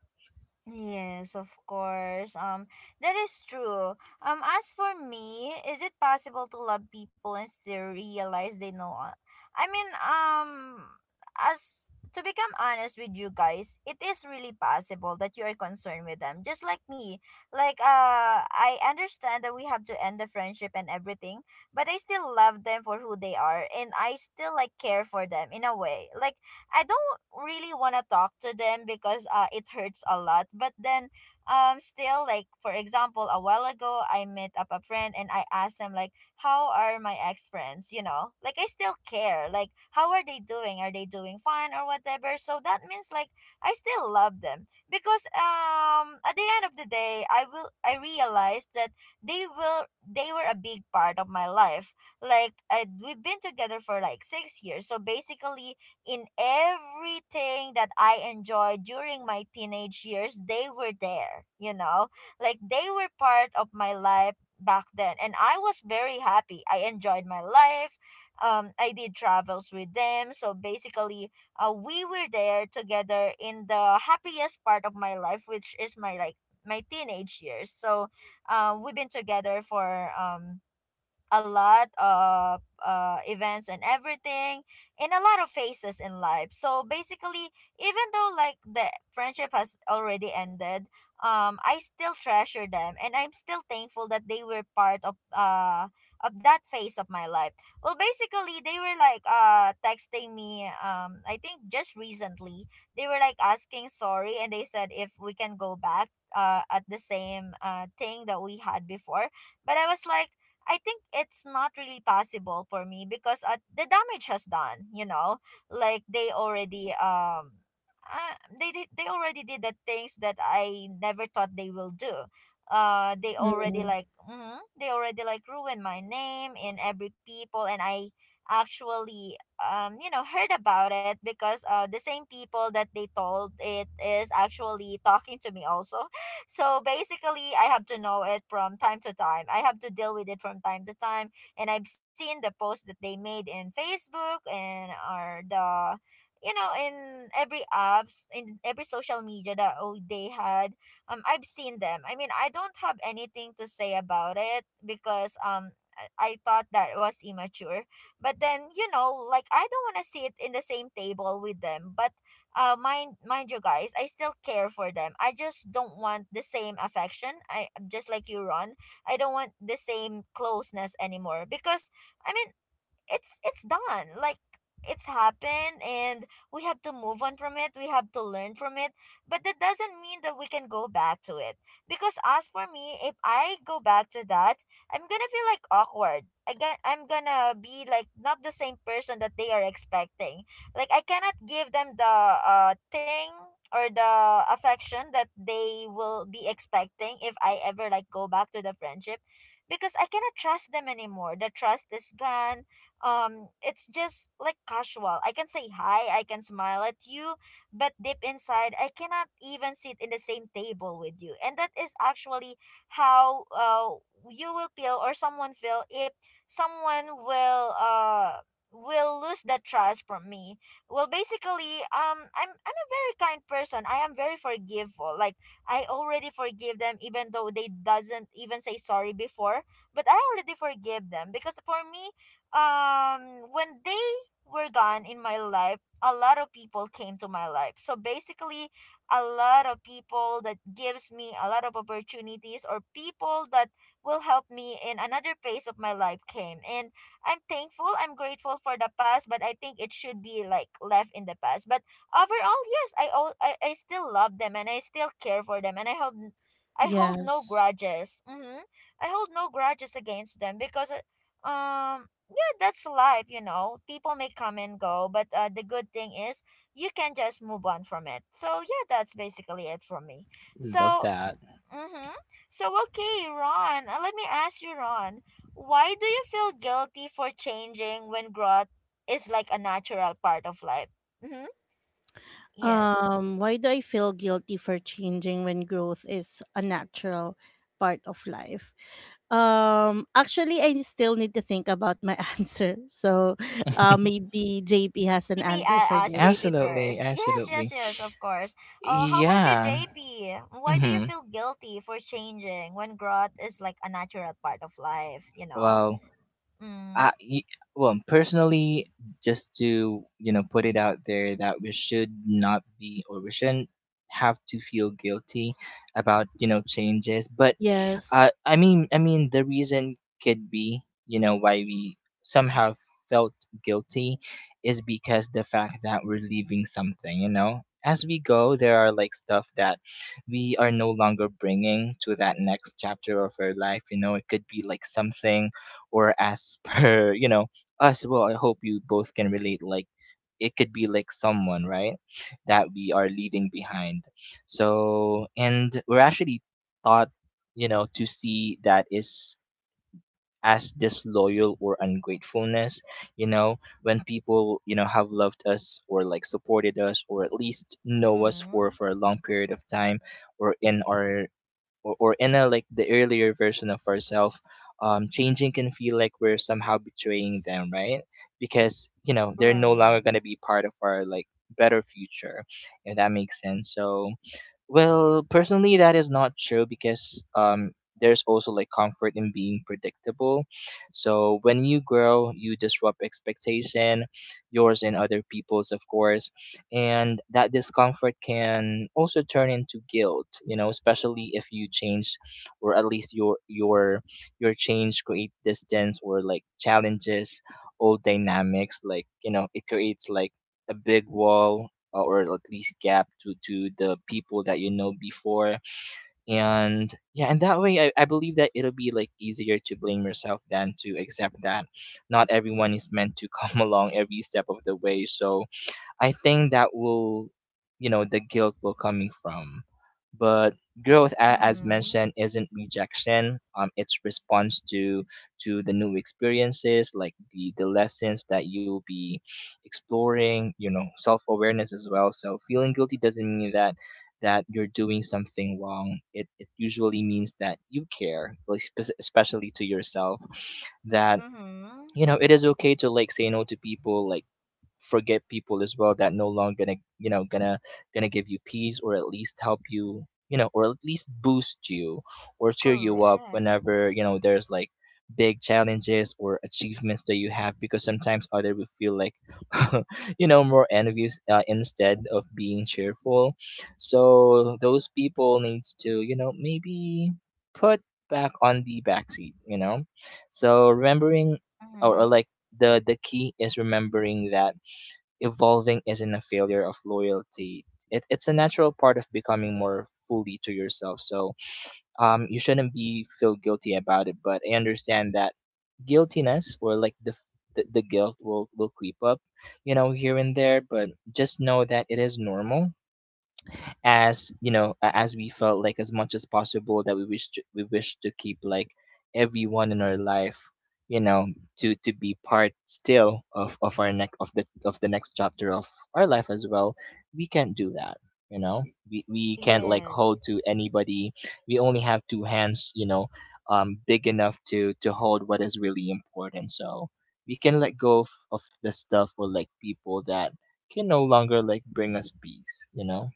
Yes, of course. That is true. As for me, is it possible to love people and still realize they know? I mean, as to become honest with you guys, it is really possible that you are concerned with them, just like me. Like, I understand that we have to end the friendship and everything, but I still love them for who they are, and I still like care for them in a way. Like, I don't really want to talk to them because it hurts a lot. But then, still, like, for example, a while ago, I met up a friend and I asked them, like, how are my ex friends? You know, like, I still care. Like, how are they doing? Are they doing fine or whatever? So that means, like, I still love them because, at the end of the day, I realized that they were a big part of my life. Like I, we've been together for like 6 years, so basically in everything that I enjoyed during my teenage years, they were there, you know? Like they were part of my life back then, and I was very happy. I enjoyed my life. I did travels with them. So basically, we were there together in the happiest part of my life, which is my like my teenage years. So, we've been together for a lot of events and everything, in a lot of phases in life. So basically, even though like the friendship has already ended, I still treasure them, and I'm still thankful that they were part of that phase of my life. Well, basically, they were like texting me. I think just recently they were like asking sorry, and they said if we can go back at the same thing that we had before. But I was like I think it's not really possible for me because the damage has done, you know, like they already they already did the things that I never thought they will do. They already
Mm-mm.
like they already like ruined my name in every people, and I actually you know heard about it because the same people that they told it is actually talking to me also. So basically, I have to know it from time to time. I have to deal with it from time to time. And I've seen the posts that they made in Facebook and are the you know in every apps, in every social media that oh, they had I've seen them. I mean, I don't have anything to say about it because I thought that was immature, but then you know like I don't want to sit in the same table with them. But mind you guys, I still care for them. I just don't want the same affection. I just like you, Ron, I don't want the same closeness anymore because I mean it's done. Like it's happened, and we have to move on from it. We have to learn from it. But that doesn't mean that we can go back to it. Because as for me, if I go back to that, I'm gonna feel like awkward. Again, I'm gonna be like not the same person that they are expecting. Like I cannot give them the thing or the affection that they will be expecting if I ever like go back to the friendship because I cannot trust them anymore. The trust is gone. It's just like casual. I can say hi, I can smile at you, but deep inside I cannot even sit in the same table with you. And that is actually how you will feel, or someone feel if someone will lose that trust from me. Well basically, I'm a very kind person. I am very forgiveful. Like I already forgive them even though they doesn't even say sorry before, but I already forgive them because for me, when they were gone in my life, a lot of people came to my life. So basically, a lot of people that gives me a lot of opportunities, or people that will help me in another phase of my life came. And I'm thankful, I'm grateful for the past, but I think it should be like left in the past. But overall, yes, I still love them, and I still care for them, and I hold no
Yes.
grudges. Mm-hmm. I hold no grudges against them because yeah, that's life, you know. People may come and go, but the good thing is you can just move on from it. So yeah, that's basically it for me.
Love
So,
that.
mm-hmm. So okay, Ron. Let me ask you, Ron. Why do you feel guilty for changing when growth is like a natural part of life? Mm-hmm. Yes.
Why do I feel guilty for changing when growth is a natural part of life? Actually I still need to think about my answer, so maybe JP has an
Maybe
answer for
I'll ask
this.
JP
Absolutely,
first. Yes,
absolutely.
yes, yes, of course. How about you,
Yeah.
JP? Why do you
Hmm.
feel guilty for changing when growth is like a natural part of life?
Well, I
Mm,
y- well, personally, just to, you know, put it out there that we should not be, or we shouldn't have to feel guilty about, you know, changes. But, uh,
Yes.
I mean, the reason could be, you know, why we somehow felt guilty is because the fact that we're leaving something, you know. As we go, there are like stuff that we are no longer bringing to that next chapter of our life. You know, it could be like something, or as per, you know, us. Well, I hope you both can relate. Like, it could be like someone, right, that we are leaving behind. So, and we're actually thought, you know, to see that is as disloyal or ungratefulness, you know, when people, you know, have loved us, or like supported us, or at least know us for
mm,
a long period of time, or in our, or in a like the earlier version of ourselves, um, changing can feel like we're somehow betraying them, right? Because you know they're no longer
right.
going to be part of our like better future, if that makes sense. So, well, personally, that is not true, because, um, there's also like comfort in being predictable. So when you grow, you disrupt expectation, yours and other people's, of course. And that discomfort can also turn into guilt, you know, especially if you change, or at least your, your change create distance, or like challenges old dynamics, like, you know, it creates like a big wall, or at least gap to the people that you know before. And yeah, and that way I believe that it'll be like easier to blame yourself than to accept that not everyone is meant to come along every step of the way. So I think that will, you know, the guilt will coming from. But growth, as
Mm-hmm.
mentioned, isn't rejection. It's response to the new experiences, like the lessons that you'll be exploring. You know, self awareness as well. So feeling guilty doesn't mean that you're doing something wrong. It usually means that you care, like especially to yourself. That,
Mm-hmm.
you know, it is okay to like say no to people, like forget people as well that no longer gonna, you know, gonna give you peace, or at least help you, you know, or at least boost you, or cheer you up,
Correct.
whenever, you know, there's like big challenges or achievements that you have, because sometimes other will feel like you know more envious, instead of being cheerful. So those people needs to, you know, maybe put back on the backseat, you know. So remembering, or,
Mm-hmm.
like, the key is remembering that evolving isn't a failure of loyalty. It's a natural part of becoming more fully to yourself. So, you shouldn't be feel guilty about it. But I understand that guiltiness, or like the, the guilt will creep up, you know, here and there. But just know that it is normal, as you know, as we felt like, as much as possible, that we wish to keep like everyone in our life, you know, to be part still of our neck of the next chapter of our life as well. We can't do that, you know. We can't like
Yes.
hold to anybody. We only have two hands, you know. Um, big enough to hold what is really important. So we can let go of, the stuff or like people that can no longer like bring us peace, you know.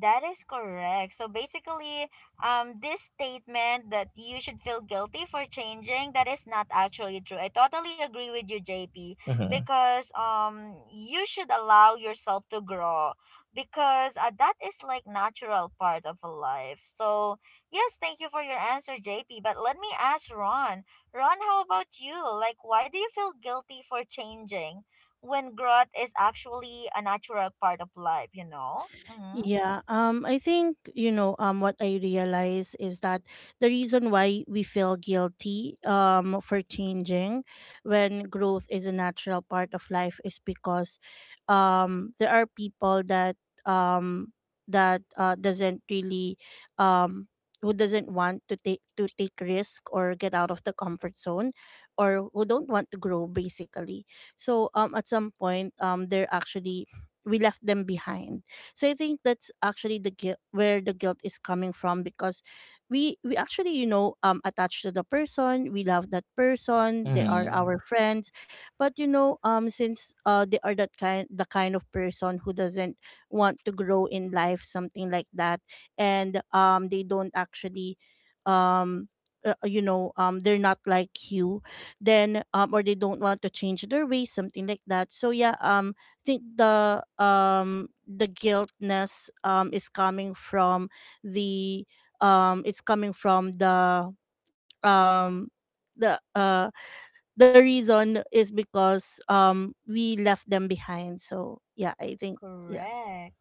That is correct. So basically, this statement that you should feel guilty for changing, that is not actually true. I totally agree with you, JP,
Hmm.
because you should allow yourself to grow because that is like natural part of a life. So yes, thank you for your answer, JP. But let me ask Ron. Ron, how about you? Like, why do you feel guilty for changing when growth is actually a natural part of life? You know. Mm-hmm.
Yeah, I think, you know, what I realize is that the reason why we feel guilty, for changing, when growth is a natural part of life, is because, there are people that, um, that doesn't really, um, who doesn't want to take risk or get out of the comfort zone, or who don't want to grow basically. So, at some point, they're actually, we left them behind, so I think that's actually the guilt, where the guilt is coming from, because we actually, you know, attached to the person, we love that person, they are
Mm-hmm.
our friends, but you know, since they are that kind, the kind of person who doesn't want to grow in life, something like that, and they don't actually um you know, they're not like you, then or they don't want to change their ways, something like that. So yeah, think the guiltness is coming from the it's coming from the um the uh the reason is because we left them behind. So yeah, I think yeah.
Correct.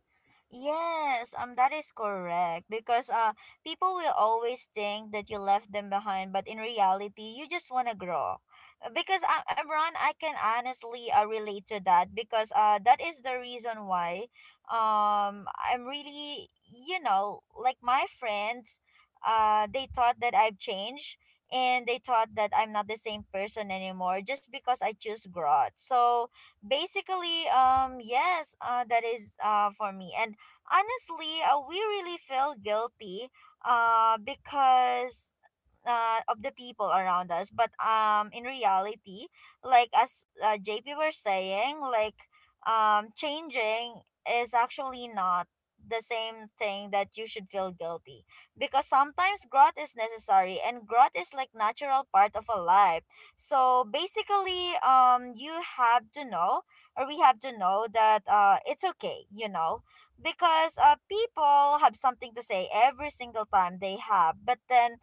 Yes, that is correct. Because people will always think that you left them behind, but in reality, you just wanna grow. Because Imran, I can honestly relate to that because that is the reason why I'm really like my friends, they thought that I've changed and they thought that I'm not the same person anymore just because I choose growth. So basically, that is for me and honestly, we really feel guilty because of the people around us. But in reality, like as JP were saying, like changing is actually not the same thing that you should feel guilty because sometimes growth is necessary and growth is like natural part of a life. So basically, you have to know, or we have to know that it's okay, you know, because people have something to say every single time they have. But then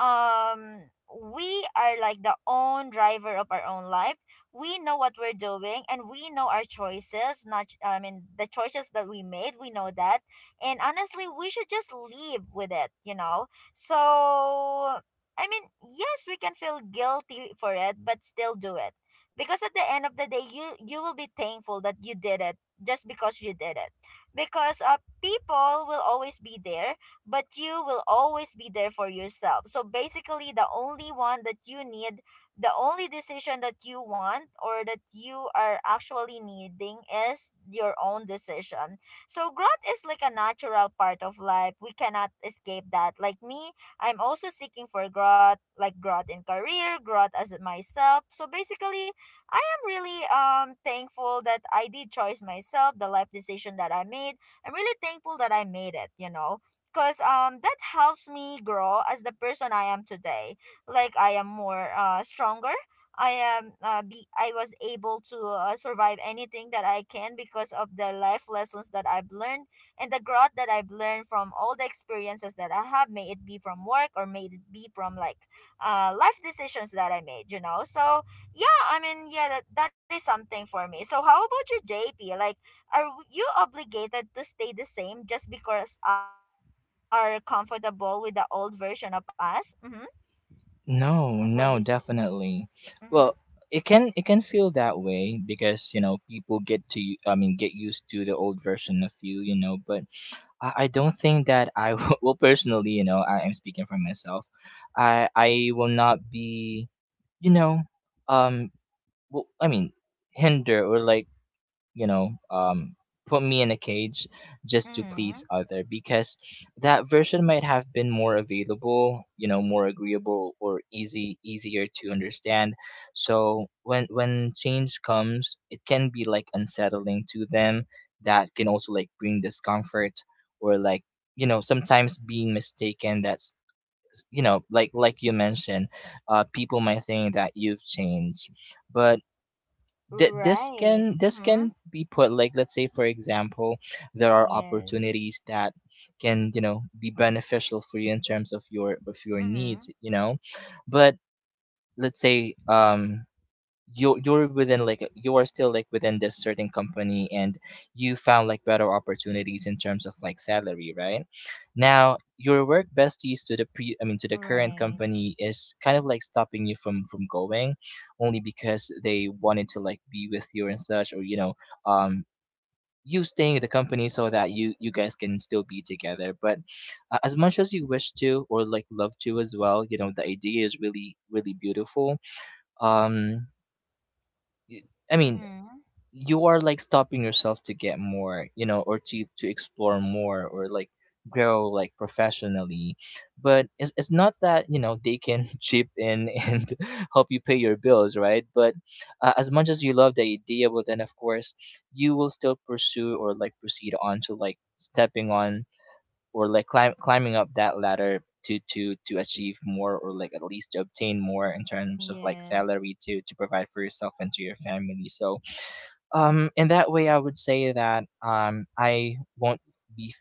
um we are like the own driver of our own life. We know what we're doing and we know our choices not I mean the choices that we made, we know that. And honestly, we should just live with it, you know. So I mean, yes, we can feel guilty for it, but still do it because at the end of the day, you will be thankful that you did it just because you did it. Because people will always be there, but you will always be there for yourself. So basically, the only one that you need, the only decision that you want or that you are actually needing is your own decision. So growth is like a natural part of life. We cannot escape that. Like me, I'm also seeking for growth, like growth in career, growth as myself. So basically, I am really thankful that I did choice myself, the life decision that I made. I'm really thankful that I made it, you know. Cause that helps me grow as the person I am today. Like I am more stronger. I am be I was able to survive anything that I can because of the life lessons that I've learned and the growth that I've learned from all the experiences that I have, may it be from work or may it be from like life decisions that I made, you know. So yeah, I mean, yeah, that is something for me. So how about you, JP? Like, you obligated to stay the same just because others are comfortable with the old version of us? Mm-hmm.
No,
What
no,
did?
definitely.
Mm-hmm.
Well, it can feel that way because you know people get to, I mean, get used to the old version of you, you know. But I don't think that I will, well, personally, you know, I am speaking for myself. I will not be, you know, um, well, I mean, hinder, or like, you know, um, put me in a cage just to
Mm-hmm.
please other, because that version might have been more available, you know, more agreeable, or easy easier to understand. So when change comes, it can be like unsettling to them. That can also like bring discomfort, or like, you know, sometimes being mistaken, that's, you know, like you mentioned, uh, people might think that you've changed. But
Right.
this
Mm-hmm.
can be put like, let's say for example, there are
Yes.
opportunities that can, you know, be beneficial for you in terms of your
Mm-hmm.
needs, you know. But let's say, um, you are, you're within like you are still like within this certain company, and you found like better opportunities in terms of like salary. Right now, your work besties to the pre I mean to the current
Right.
company is kind of like stopping you from going only because they wanted to like be with you and such, or you know, um, you staying at the company so that you guys can still be together. But, as much as you wish to or like love to as well, you know the idea is really really beautiful. Um, y- I mean,
Mm-hmm.
you are like stopping yourself to get more, you know, or to explore more, or like grow like professionally. But it's not that, you know, they can chip in and help you pay your bills, right? But, as much as you love the idea, but then of course you will still pursue, or like proceed on to like stepping on, or like climbing up that ladder to achieve more, or like at least to obtain more in terms of like
Yes.
salary to provide for yourself and to your family. So, in that way, I would say that, I won't be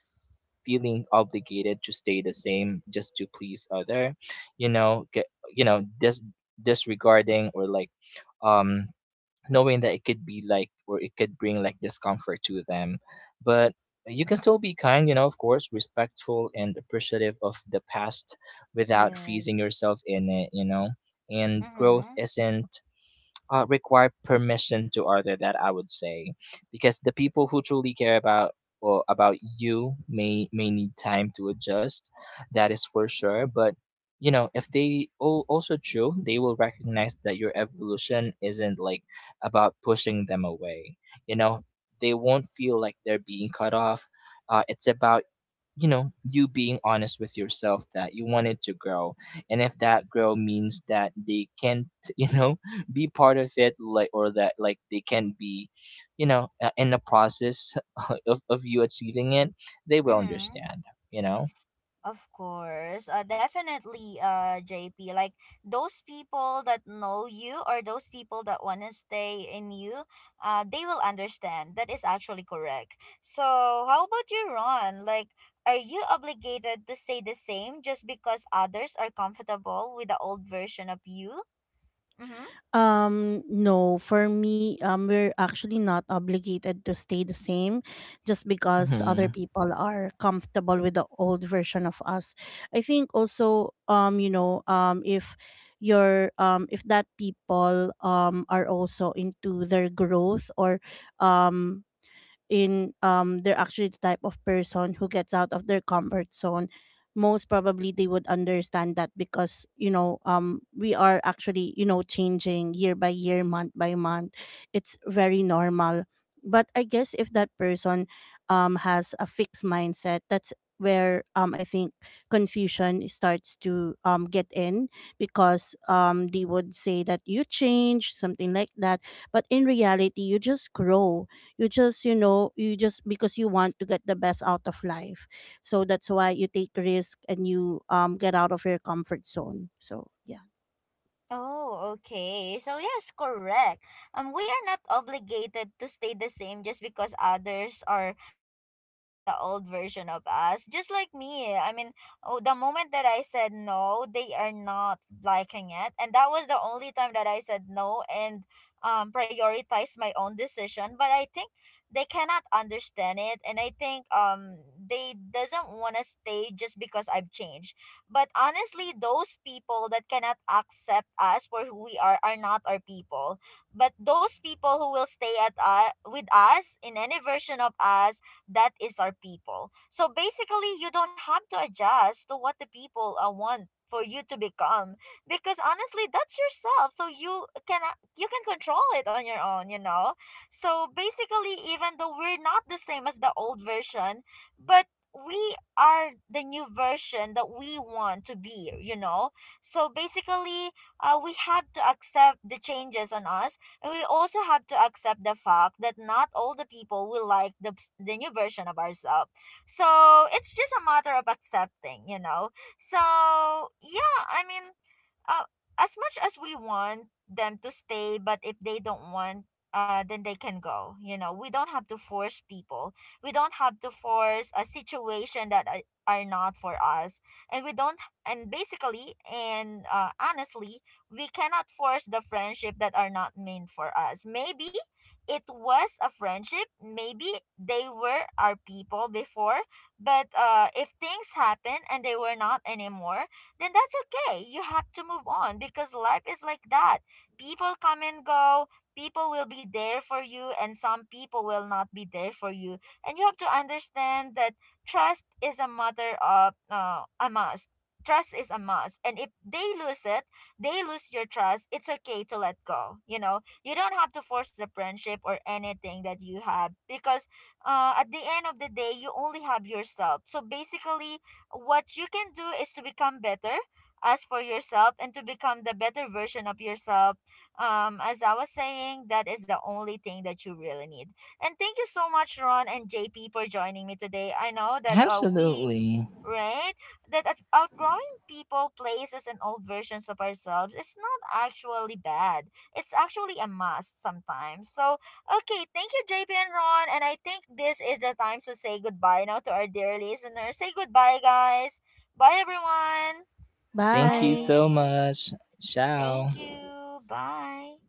feeling obligated to stay the same just to please other, you know, get, you know, disregarding, or like, um, knowing that it could be like, or it could bring like discomfort to them, but you can still be kind, you know, of course, respectful and appreciative of the past without freezing
Yes.
yourself in it, you know. And growth
Mm-hmm.
isn't, require permission to order, that I would say. Because the people who truly care about, or about you may need time to adjust, that is for sure. But you know, if they also true, they will recognize that your evolution isn't like about pushing them away, you know. They won't feel like they're being cut off. Uh, it's about, you know, you being honest with yourself that you wanted to grow. And if that grow means that they can't, you know, be part of it, like, or that like they can be, you know, in the process of, you achieving it, they will
Mm-hmm.
understand, you know.
Of course, definitely, JP. Like those people that know you or those people that want to stay in you, they will understand. That is actually correct. So, how about you, Ron? Like, are you obligated to say the same just because others are comfortable with the old version of you? Mm-hmm.
No, for me, we're actually not obligated to stay the same just because other
Hmm.
people are comfortable with the old version of us. I think also, you know, if your if that people are also into their growth or um in they're actually the type of person who gets out of their comfort zone, most probably they would understand that, because you know, we are actually, you know, changing year by year, month by month, it's very normal. But I guess if that person has a fixed mindset, that's where I think confusion starts to get in, because they would say that you change, something like that, but in reality you just grow. You just, because you want to get the best out of life, so that's why you take risk and you get out of your comfort zone. So yeah.
Oh, okay. So yes, correct. We are not obligated to stay the same just because others are comfortable with the old version of us. Just like me. I mean, oh, the moment that I said no, they are not liking it, and that was the only time that I said no and prioritized my own decision. But I think they cannot understand it, and I think they doesn't want to stay just because I've changed. But honestly, those people that cannot accept us for who we are not our people. But those people who will stay at with us in any version of us, that is our people. So basically, you don't have to adjust to what the people want for you to become, because honestly that's yourself, so you can control it on your own, you know. So basically, even though we're not the same as the old version, but we are the new version that we want to be, you know? So basically, we have to accept the changes on us, and we also have to accept the fact that not all the people will like the new version of ourselves. So it's just a matter of accepting, you know? So, yeah, I mean, uh, as much as we want them to stay, but if they don't want, then they can go. You know, we don't have to force a situation that are not for us. And we don't and basically and Honestly, we cannot force the friendship that are not meant for us. Maybe it was a friendship, maybe they were our people before, but if things happen and they were not anymore, then that's okay. You have to move on because life is like that. People come and go. People will be there for you, and some people will not be there for you, and you have to understand that trust is a matter of uh, a must trust is a must, and if they lose it, they lose your trust. It's okay to let go, you know. You don't have to force the friendship or anything that you have because at the end of the day you only have yourself. So basically, what you can do is to become better as for yourself and to become the better version of yourself. As I was saying, that is the only thing that you really need. And thank you so much, Ron and JP, for joining me today. I know that
Absolutely.
right, that outgrowing people, places, and old versions of ourselves is not actually bad. It's actually a must sometimes. So, okay, thank you, JP and Ron. And I think this is the time to say goodbye now to our dear listeners. Say goodbye, guys. Bye, everyone.
Thank you
Bye.
so
Bye.
much.
Thank
Ciao.
you. Bye.